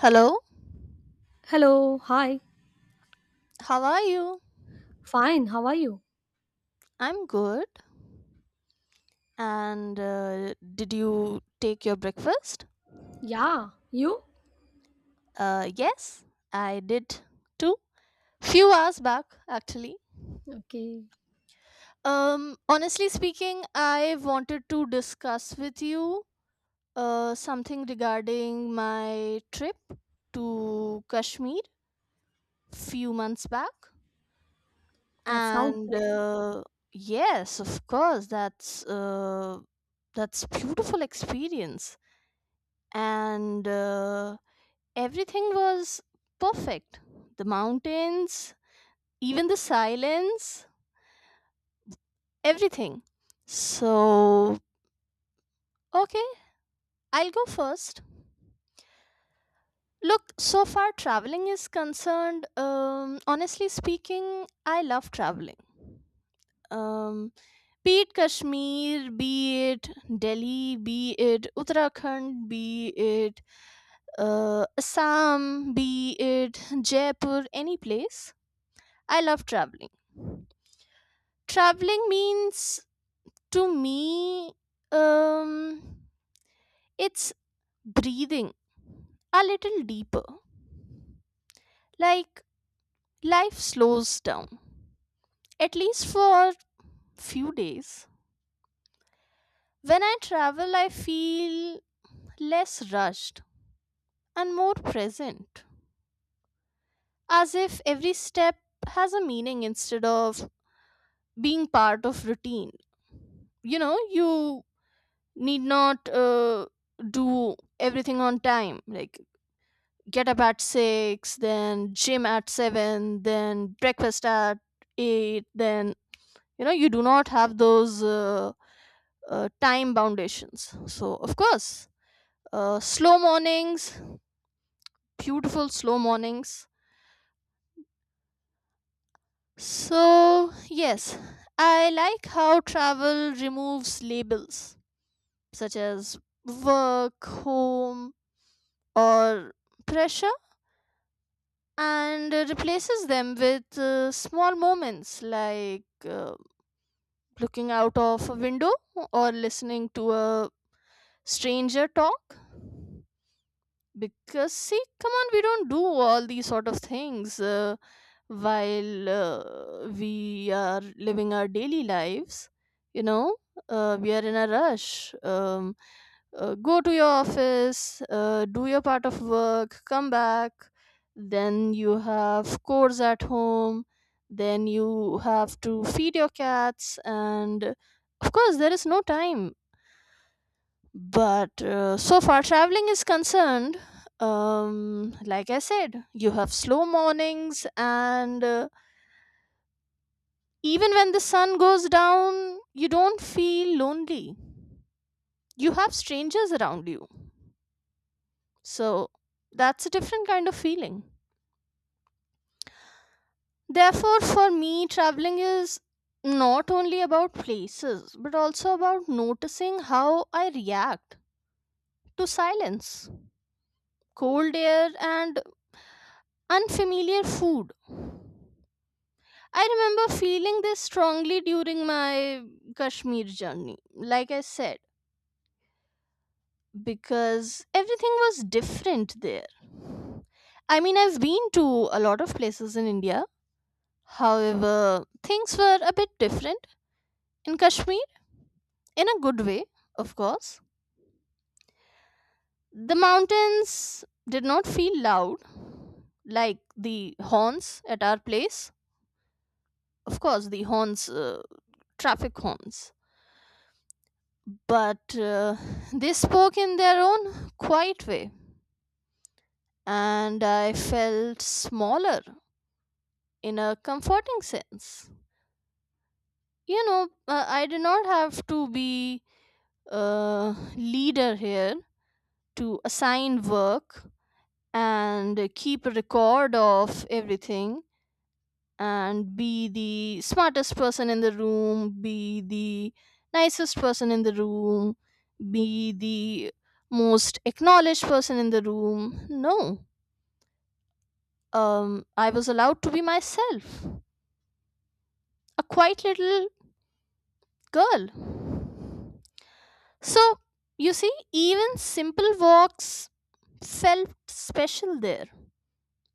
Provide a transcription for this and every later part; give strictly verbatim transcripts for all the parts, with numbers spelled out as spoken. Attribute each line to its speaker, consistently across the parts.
Speaker 1: Hello,
Speaker 2: Hello, hi.
Speaker 1: how are you?
Speaker 2: Fine, how are you?
Speaker 1: I'm good. And uh, Did you take your breakfast?
Speaker 2: Yeah, you?
Speaker 1: Uh, yes, I did too. Few hours back, actually.
Speaker 2: Okay,
Speaker 1: Um, honestly speaking, I wanted to discuss with you uh, something regarding my trip to Kashmir few months back.
Speaker 2: that sounds
Speaker 1: And
Speaker 2: great.
Speaker 1: uh, yes, of course, that's uh, that's beautiful experience, and uh, everything was perfect, the mountains, even the silence, everything. So okay, I'll go first. Look, so far traveling is concerned, um, honestly speaking, I love traveling. Um, be it Kashmir, be it Delhi, be it Uttarakhand, be it uh, Assam, be it Jaipur, any place. I love traveling. Traveling means to me, um, it's breathing a little deeper. Like, life slows down, at least for few days. When I travel, I feel less rushed and more present, as if every step has a meaning instead of being part of routine. You know, you need not uh, do everything on time, like get up at six, then gym at seven, then breakfast at eight, then you know, you do not have those uh, uh, time foundations. So of course, uh, slow mornings, beautiful slow mornings. So yes, I like how travel removes labels such as work, home, or pressure, and uh, replaces them with uh, small moments, like uh, looking out of a window or listening to a stranger talk. Because see, come on, we don't do all these sort of things uh, while uh, we are living our daily lives. You know, uh, we are in a rush. Um, uh, go to your office, uh, do your part of work, come back, then you have chores at home, then you have to feed your cats, and of course, there is no time. But uh, so far traveling is concerned, um, like I said, you have slow mornings, and uh, even when the sun goes down, you don't feel lonely. You have strangers around you. So that's a different kind of feeling. Therefore, for me, traveling is not only about places, but also about noticing how I react to silence, cold air, and unfamiliar food. I remember feeling this strongly during my Kashmir journey, like I said, because everything was different there. I mean, I've been to a lot of places in India, however, things were a bit different in Kashmir, in a good way, of course. The mountains did not feel loud like the horns at our place. Of course, the horns, uh, traffic horns, but uh, they spoke in their own quiet way, and I felt smaller in a comforting sense. You know, uh, I did not have to be a leader here to assign work and keep a record of everything, and be the smartest person in the room, be the nicest person in the room, be the most acknowledged person in the room. No. Um, I was allowed to be myself, a quiet little girl. So, you see, even simple walks felt special there.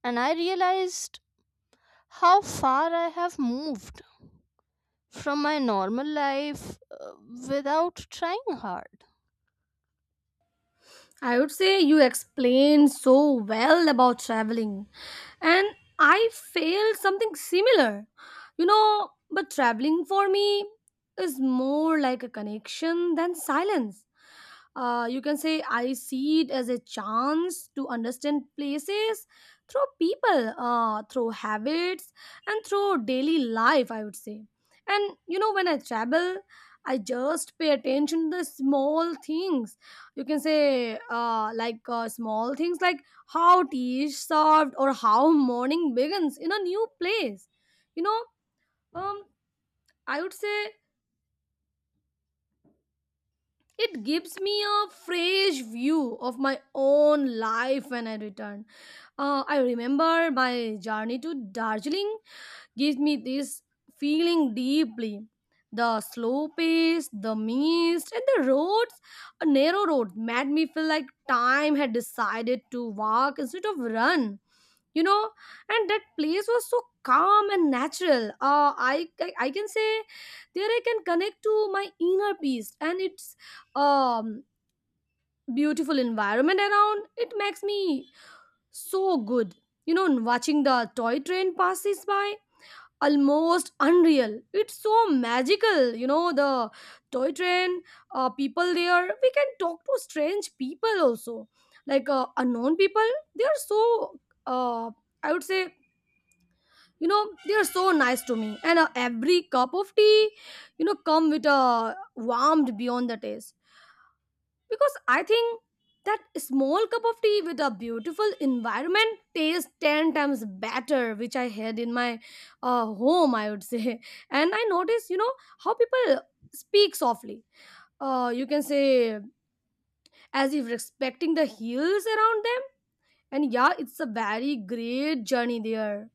Speaker 1: And I realized how far I have moved from my normal life uh, without trying hard.
Speaker 2: I would say you explained so well about traveling, and I failed something similar. You know, but traveling for me is more like a connection than silence. Uh, you can say I see it as a chance to understand places through people, uh, through habits, and through daily life, I would say. And you know, when I travel, I just pay attention to the small things, you can say, uh, like, uh, small things like how tea is served or how morning begins in a new place, you know. um, I would say it gives me a fresh view of my own life when I return. Uh, I remember my journey to Darjeeling gives me this feeling deeply. The slow pace, the mist, and the roads, a narrow road, made me feel like time had decided to walk instead of run, you know. And that place was so calm and natural, uh, I, I i can say there I can connect to my inner peace, and it's um beautiful environment around it makes me so good, you know. And watching the toy train passes by, almost unreal, it's so magical, you know, the toy train. Uh, people there, we can talk to strange people also, like, uh, unknown people, they are so, uh, I would say, you know, they are so nice to me. And uh, every cup of tea, you know, come with a warmed beyond the taste, because I think that small cup of tea with a beautiful environment tastes ten times better, which I had in my uh, home, I would say. And I notice, you know, how people speak softly, uh, you can say, as if respecting the hills around them. And yeah, it's a very great journey there.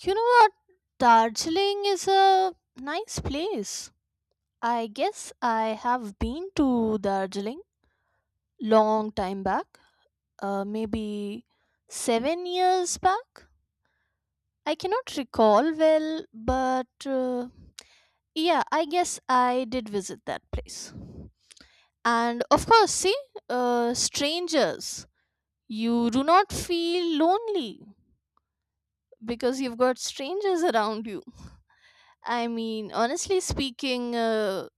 Speaker 1: You know what? Darjeeling is a nice place. I guess I have been to Darjeeling long time back. Uh, maybe seven years back. I cannot recall well, but uh, yeah, I guess I did visit that place. And of course, see, uh, strangers, you do not feel lonely because you've got strangers around you. I mean, honestly speaking, uh,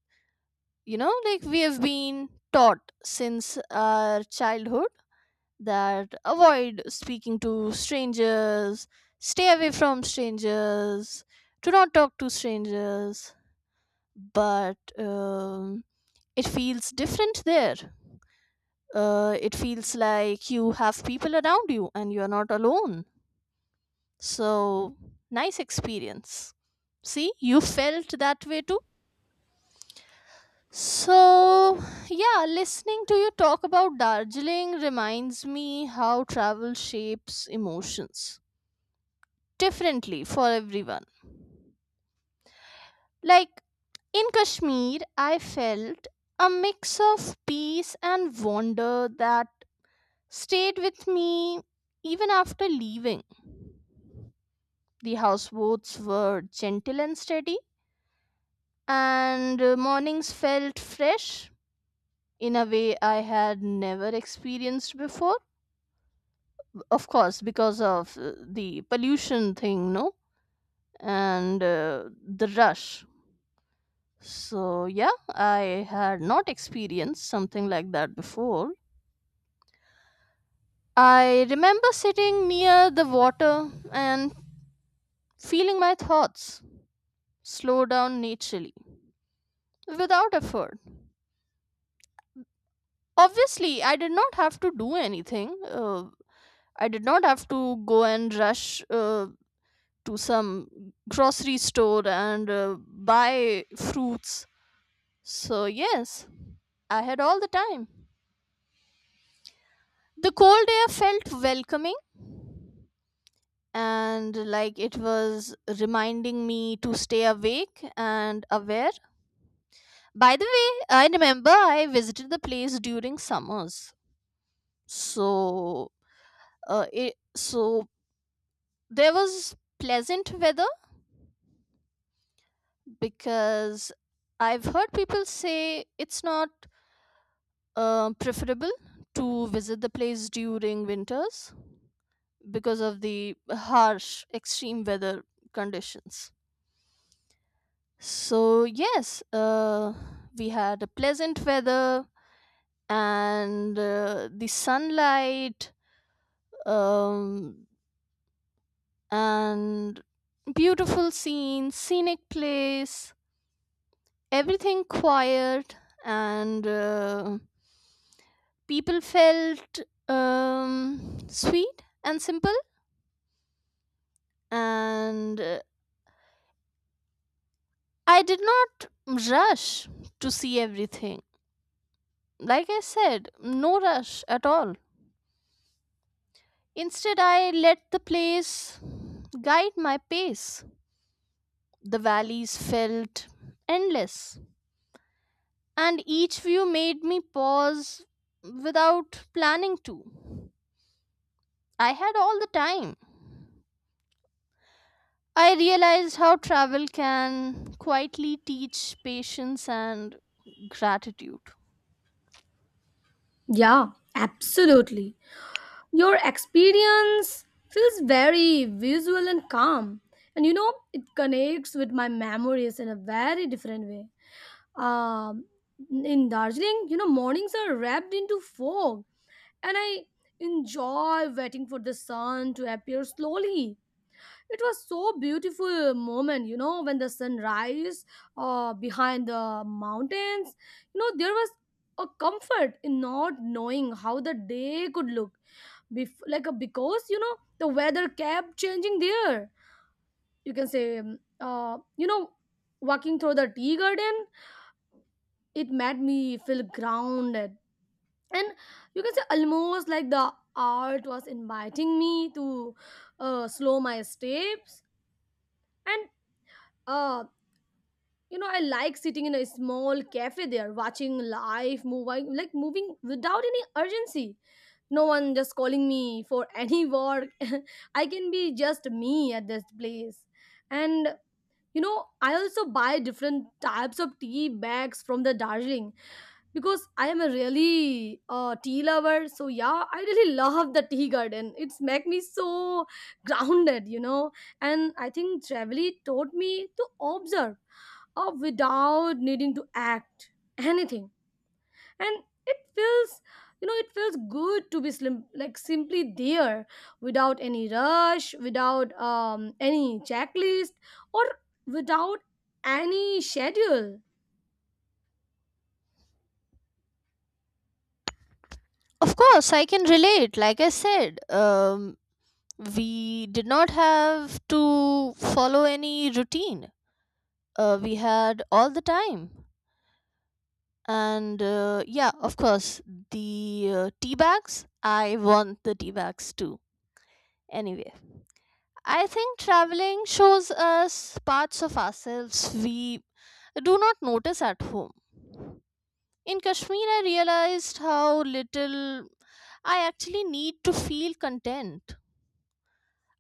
Speaker 1: you know, like, we have been taught since our childhood that avoid speaking to strangers, stay away from strangers, do not talk to strangers. But um, it feels different there. Uh, it feels like you have people around you and you're not alone. So, nice experience. See, you felt that way too. So yeah, listening to you talk about Darjeeling reminds me how travel shapes emotions differently for everyone. Like in Kashmir, I felt a mix of peace and wonder that stayed with me even after leaving. The houseboats were gentle and steady, and uh, mornings felt fresh in a way I had never experienced before. Of course, because of uh, the pollution thing, no? And uh, the rush. So yeah, I had not experienced something like that before. I remember sitting near the water and feeling my thoughts slow down naturally without effort. Obviously, I did not have to do anything. Uh, I did not have to go and rush uh, to some grocery store and uh, buy fruits. So yes, I had all the time. The cold air felt welcoming and like it was reminding me to stay awake and aware. By the way, I remember I visited the place during summers. So, uh, it, so there was pleasant weather because I've heard people say it's not uh, preferable to visit the place during winters because of the harsh extreme weather conditions. So yes, uh, we had a pleasant weather, and uh, the sunlight, um, and beautiful scenes, scenic place, everything quiet, and uh, people felt um, sweet and simple. And uh, I did not rush to see everything. Like I said, no rush at all. Instead, I let the place guide my pace. The valleys felt endless, and each view made me pause without planning to. I had all the time. I realized how travel can quietly teach patience and gratitude.
Speaker 2: Yeah, absolutely. Your experience feels very visual and calm, and you know, it connects with my memories in a very different way. Um, in Darjeeling, you know, mornings are wrapped into fog, and I enjoy waiting for the sun to appear slowly. It was so beautiful moment, you know, when the sun rise uh, behind the mountains. You know, there was a comfort in not knowing how the day could look. Bef- like a, because you know the weather kept changing there. You can say, um, uh, you know, walking through the tea garden, it made me feel grounded, and you can say almost like the art was inviting me to uh, slow my steps, and uh, you know, I like sitting in a small cafe there watching life moving, like, moving without any urgency. No one just calling me for any work. I can be just me at this place. And you know, I also buy different types of tea bags from the Darjeeling, because I am a really uh, tea lover. So yeah, I really love the tea garden. It's make me so grounded, you know. And I think traveling taught me to observe, uh, without needing to act anything. And it feels you know, it feels good to be slim, like simply there, without any rush, without um any checklist, or without any schedule.
Speaker 1: Of course, I can relate. Like I said, um, we did not have to follow any routine, uh, we had all the time. and uh, yeah, of course, the uh, tea bags, I want the tea bags too. Anyway, I think traveling shows us parts of ourselves we do not notice at home. In Kashmir, I realized how little I actually need to feel content.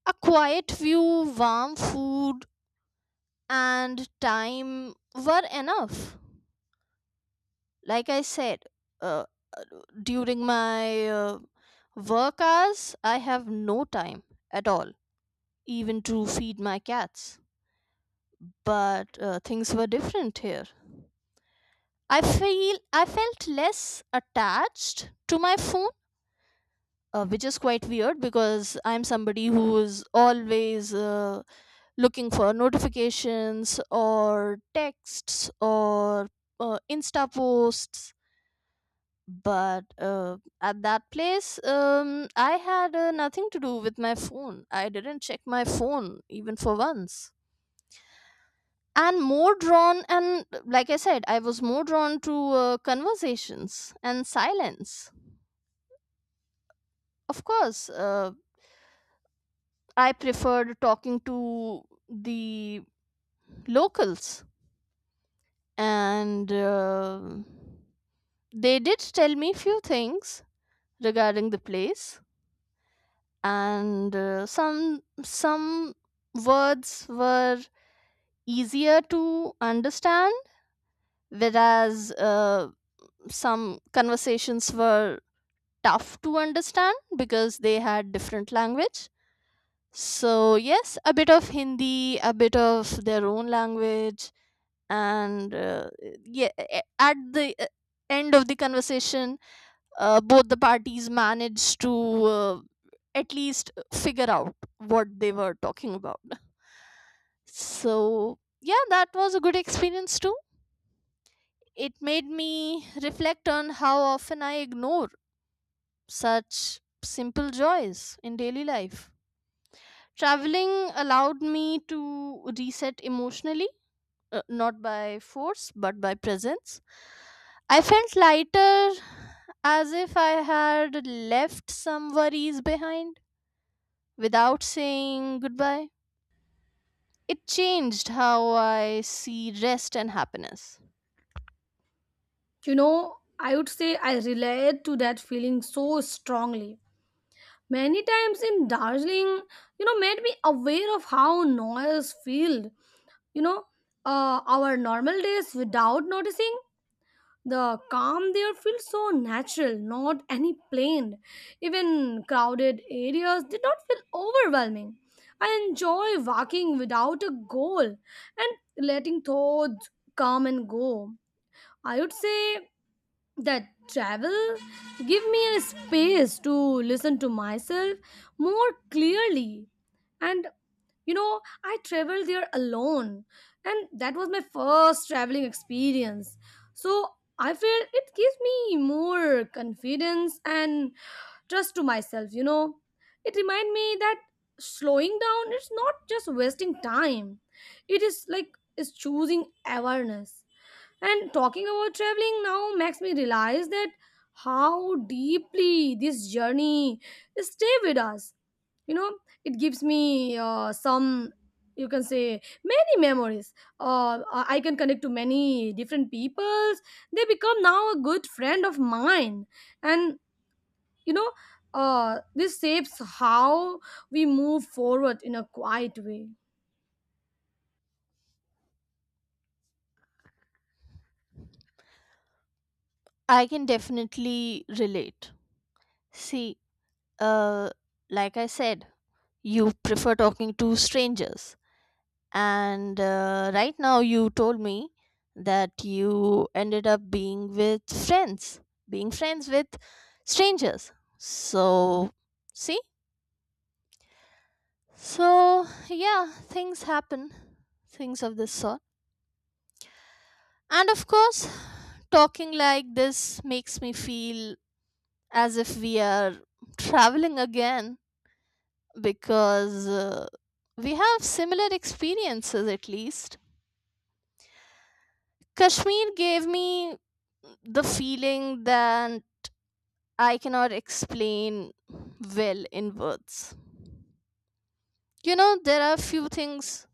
Speaker 1: A quiet view, warm food, and time were enough. Like I said, uh, during my uh, work hours, I have no time at all, even to feed my cats. But uh, things were different here. I feel I felt less attached to my phone, uh, which is quite weird because I'm somebody who is always uh, looking for notifications or texts or uh, Insta posts. But uh, at that place, um, I had uh, nothing to do with my phone. I didn't check my phone even for once, and more drawn and like I said, I was more drawn to uh, conversations and silence. Of course, uh, I preferred talking to the locals, and uh, they did tell me few things regarding the place. And uh, some some words were easier to understand, whereas uh, some conversations were tough to understand because they had different language. So yes, a bit of Hindi, a bit of their own language. And uh, yeah, at the uh, end of the conversation, uh, both the parties managed to uh, at least figure out what they were talking about. So yeah, that was a good experience too. It made me reflect on how often I ignore such simple joys in daily life. Traveling allowed me to reset emotionally, uh, not by force but by presence. I felt lighter, as if I had left some worries behind without saying goodbye. It changed how I see rest and happiness.
Speaker 2: You know, I would say I relate to that feeling so strongly. Many times in Darjeeling, you know, made me aware of how noise filled, you know, uh, our normal days without noticing. The calm there feels so natural, not any planned. Even crowded areas did not feel overwhelming. I enjoy walking without a goal and letting thoughts come and go. I would say that travel give me a space to listen to myself more clearly. And you know, I traveled there alone, and that was my first traveling experience. So I feel it gives me more confidence and trust to myself, you know. It reminds me that slowing down is not just wasting time, it is like is choosing awareness. And talking about traveling now makes me realize that how deeply this journey stay with us, you know. It gives me uh, some, you can say, many memories. Uh, i I can connect to many different peoples, they become now a good friend of mine. And you know, uh, this shapes how we move forward in a quiet way.
Speaker 1: I can definitely relate. See, uh, like I said, you prefer talking to strangers. And uh, right now, you told me that you ended up being with friends, being friends with strangers. So, see? So yeah, things happen, things of this sort. And of course, talking like this makes me feel as if we are traveling again, because uh, we have similar experiences, at least. Kashmir gave me the feeling that I cannot explain well in words. You know, there are few things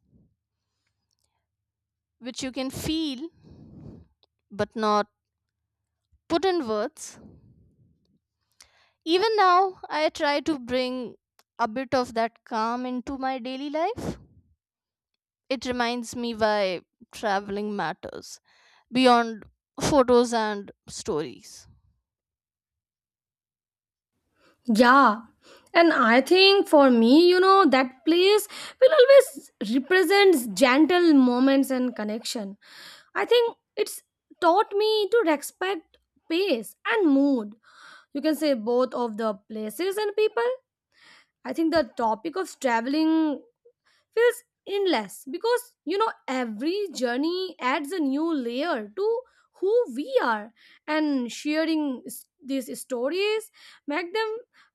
Speaker 1: which you can feel but not put in words. Even now, I try to bring a bit of that calm into my daily life. It reminds me why traveling matters beyond photos and stories.
Speaker 2: Yeah, and I think for me, you know, that place will always represents gentle moments and connection. I think it's taught me to respect pace and mood, you can say, both of the places and people. I think the topic of traveling feels endless, because you know, every journey adds a new layer to who we are. And sharing s- these stories make them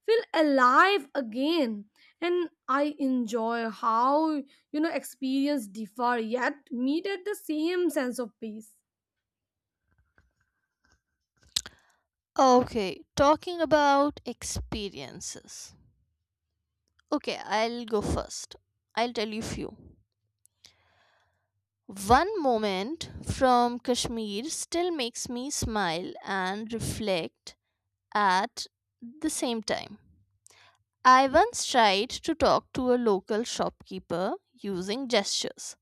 Speaker 2: feel alive again. And I enjoy how, you know, experience differ yet meet at the same sense of peace.
Speaker 1: Okay, talking about experiences. Okay, I'll go first. I'll tell you few. One moment from Kashmir still makes me smile and reflect at the same time. I once tried to talk to a local shopkeeper using gestures.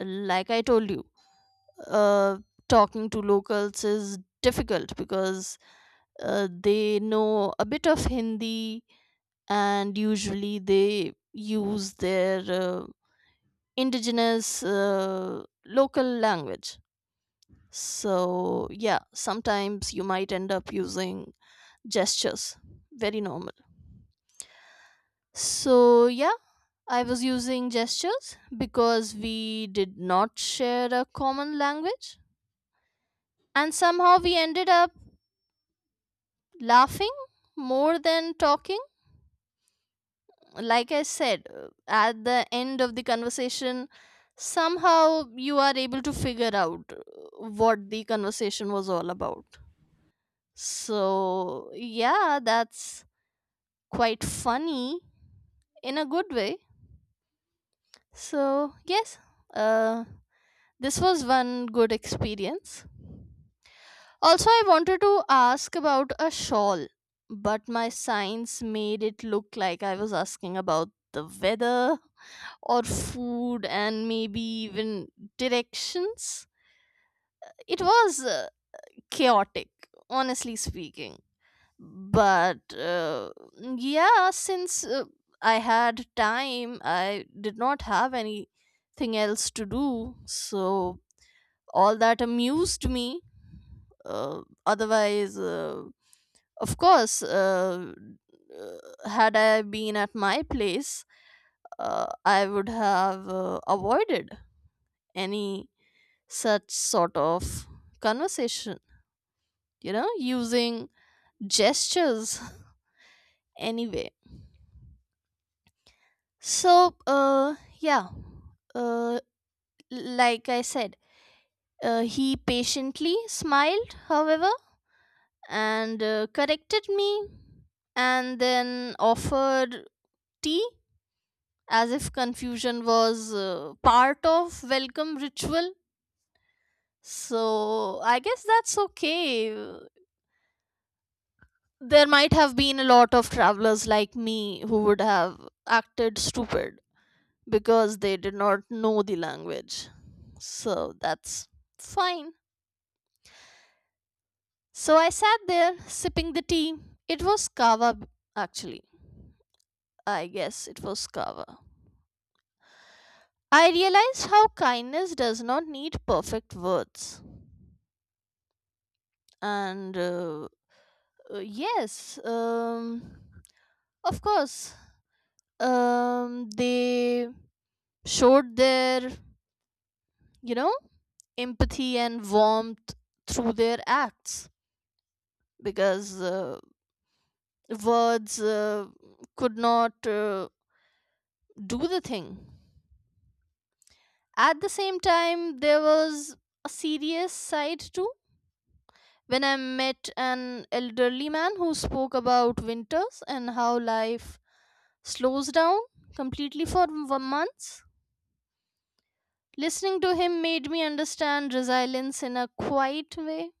Speaker 1: Like I told you, uh, talking to locals is difficult because uh, they know a bit of Hindi, and usually they use their uh, indigenous uh, local language. So yeah, sometimes you might end up using gestures. Very normal. So yeah, I was using gestures because we did not share a common language. And somehow we ended up laughing more than talking. Like I said, uh, at the end of the conversation, somehow you are able to figure out uh, what the conversation was all about. So yeah, that's quite funny in a good way. So yes, uh, this was one good experience. Also, I wanted to ask about a shawl, but my signs made it look like I was asking about the weather or food, and maybe even directions. It was uh, chaotic, honestly speaking. But uh, yeah, since uh, I had time, I did not have anything else to do, so all that amused me. Uh, otherwise uh, of course uh, uh, Had I been at my place, uh, I would have uh, avoided any such sort of conversation, you know, using gestures. Anyway, So, uh, yeah, uh, like I said, uh, he patiently smiled, however, and uh, corrected me, and then offered tea as if confusion was uh, part of welcome ritual. So, I guess that's okay. There might have been a lot of travelers like me who would have acted stupid because they did not know the language. So that's fine. So I sat there sipping the tea. It was kava, b- actually. I guess it was kava. I realized how kindness does not need perfect words. And uh, uh, yes, um, of course, um, they showed their, you know, empathy and warmth through their acts, because uh, words uh, could not uh, do the thing. At the same time, there was a serious side too. When I met an elderly man who spoke about winters and how life slows down completely for m- months, listening to him made me understand resilience in a quiet way.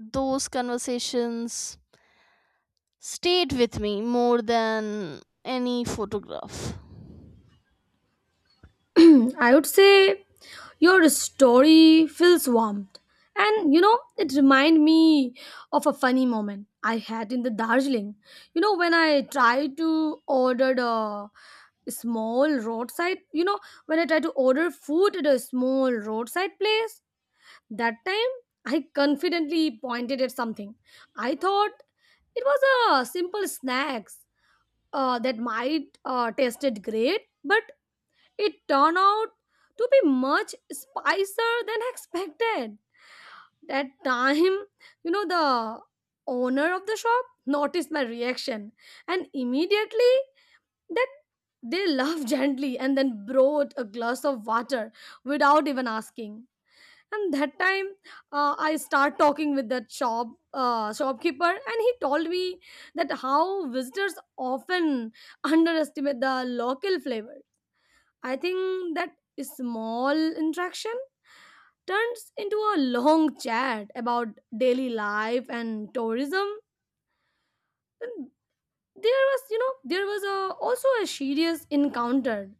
Speaker 1: Those conversations stayed with me more than any photograph.
Speaker 2: I would say your story feels warm. And you know, it reminded me of a funny moment I had in the Darjeeling. You know, when I tried to order the small roadside, you know, when I tried to order food at a small roadside place, that time I confidently pointed at something. I thought it was a simple snacks uh, that might uh, tasted great, but it turned out to be much spicier than expected. That time, you know, the owner of the shop noticed my reaction and immediately that they laughed gently and then brought a glass of water without even asking. And that time, uh, I start talking with that shop uh, shopkeeper, and he told me that how visitors often underestimate the local flavor. I think that small interaction turns into a long chat about daily life and tourism. And There was, you know, there was a, also a serious encounter.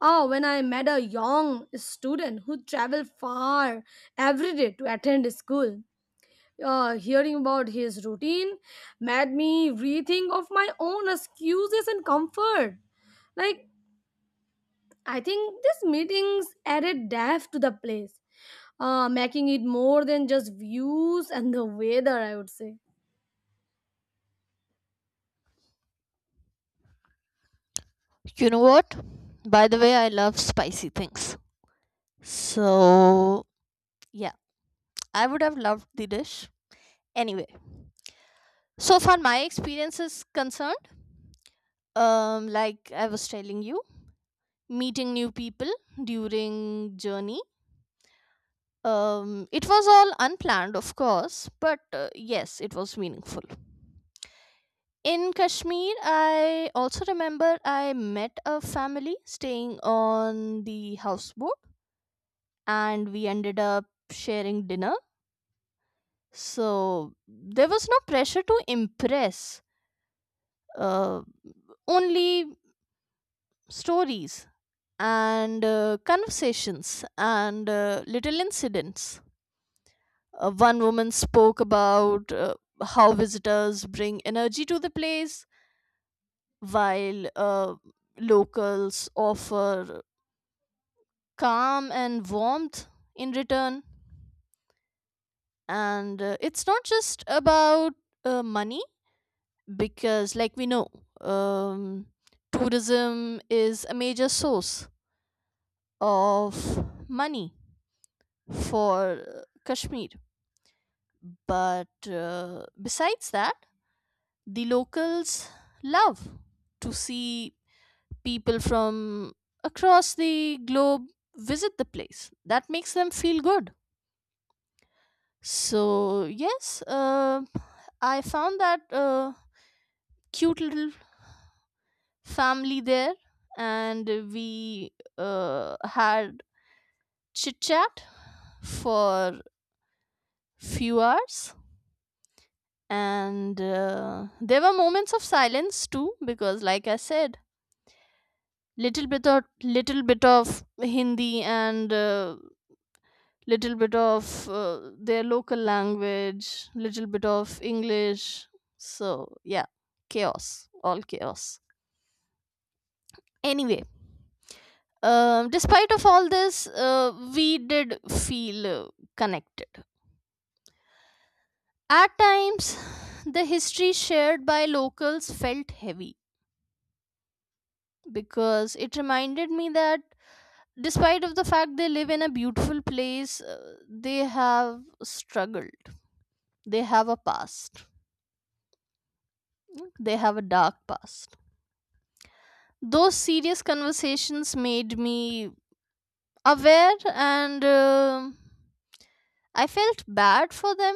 Speaker 2: Oh, when I met a young student who traveled far every day to attend school. Uh, hearing about his routine made me rethink of my own excuses and comfort. Like, I think these meetings added depth to the place, uh, making it more than just views and the weather, I would say.
Speaker 1: You know what? By the way, I love spicy things. So, yeah, I would have loved the dish. Anyway, so far my experience is concerned, um, like I was telling you, meeting new people during journey. Um, it was all unplanned, of course, but uh, yes, it was meaningful. In Kashmir, I also remember I met a family staying on the houseboat, and we ended up sharing dinner. So there was no pressure to impress, uh, only stories and uh, conversations and uh, little incidents. Uh, one woman spoke about uh, how visitors bring energy to the place, while uh, locals offer calm and warmth in return. And uh, It's not just about uh, money, because, like we know, um, tourism is a major source of money for Kashmir. But uh, besides that, the locals love to see people from across the globe visit the place. That makes them feel good. So yes, uh, I found that uh, cute little family there, and we uh, had chit chat for few hours, and uh, there were moments of silence too, because, like I said, little bit of little bit of Hindi and uh, little bit of uh, their local language, little bit of English. So yeah, chaos, all chaos. Anyway, um, despite of all this, uh, we did feel uh, connected at times. The history shared by locals felt heavy, because it reminded me that despite of the fact they live in a beautiful place, uh, they have struggled. They have a past, they have a dark past. Those serious conversations made me aware, and um I felt bad for them.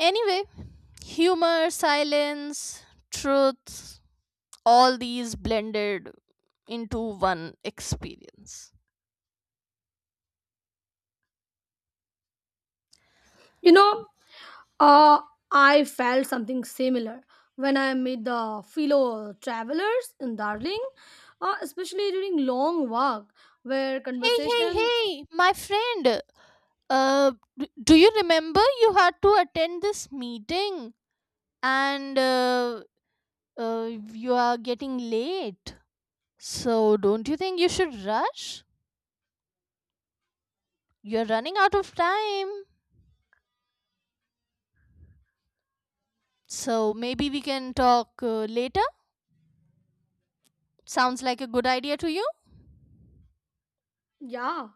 Speaker 1: Anyway, humor, silence, truth, all these blended into one experience.
Speaker 2: You know, uh, I felt something similar when I met the fellow travelers in Darling, uh, especially during long walk where
Speaker 1: Hey, hey,
Speaker 2: conversation,
Speaker 1: hey, my friend. Uh, d- do you remember you had to attend this meeting, and uh, uh, you are getting late? So, don't you think you should rush? You're running out of time. So, maybe we can talk uh, later. Sounds like a good idea to you.
Speaker 2: yeah,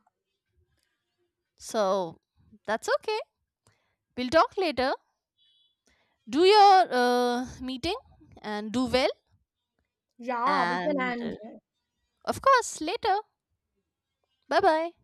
Speaker 1: So, that's okay. We'll talk later. Do your uh, meeting and do well.
Speaker 2: yeah, we can
Speaker 1: and
Speaker 2: end
Speaker 1: uh,
Speaker 2: here.
Speaker 1: of course, later. Bye bye.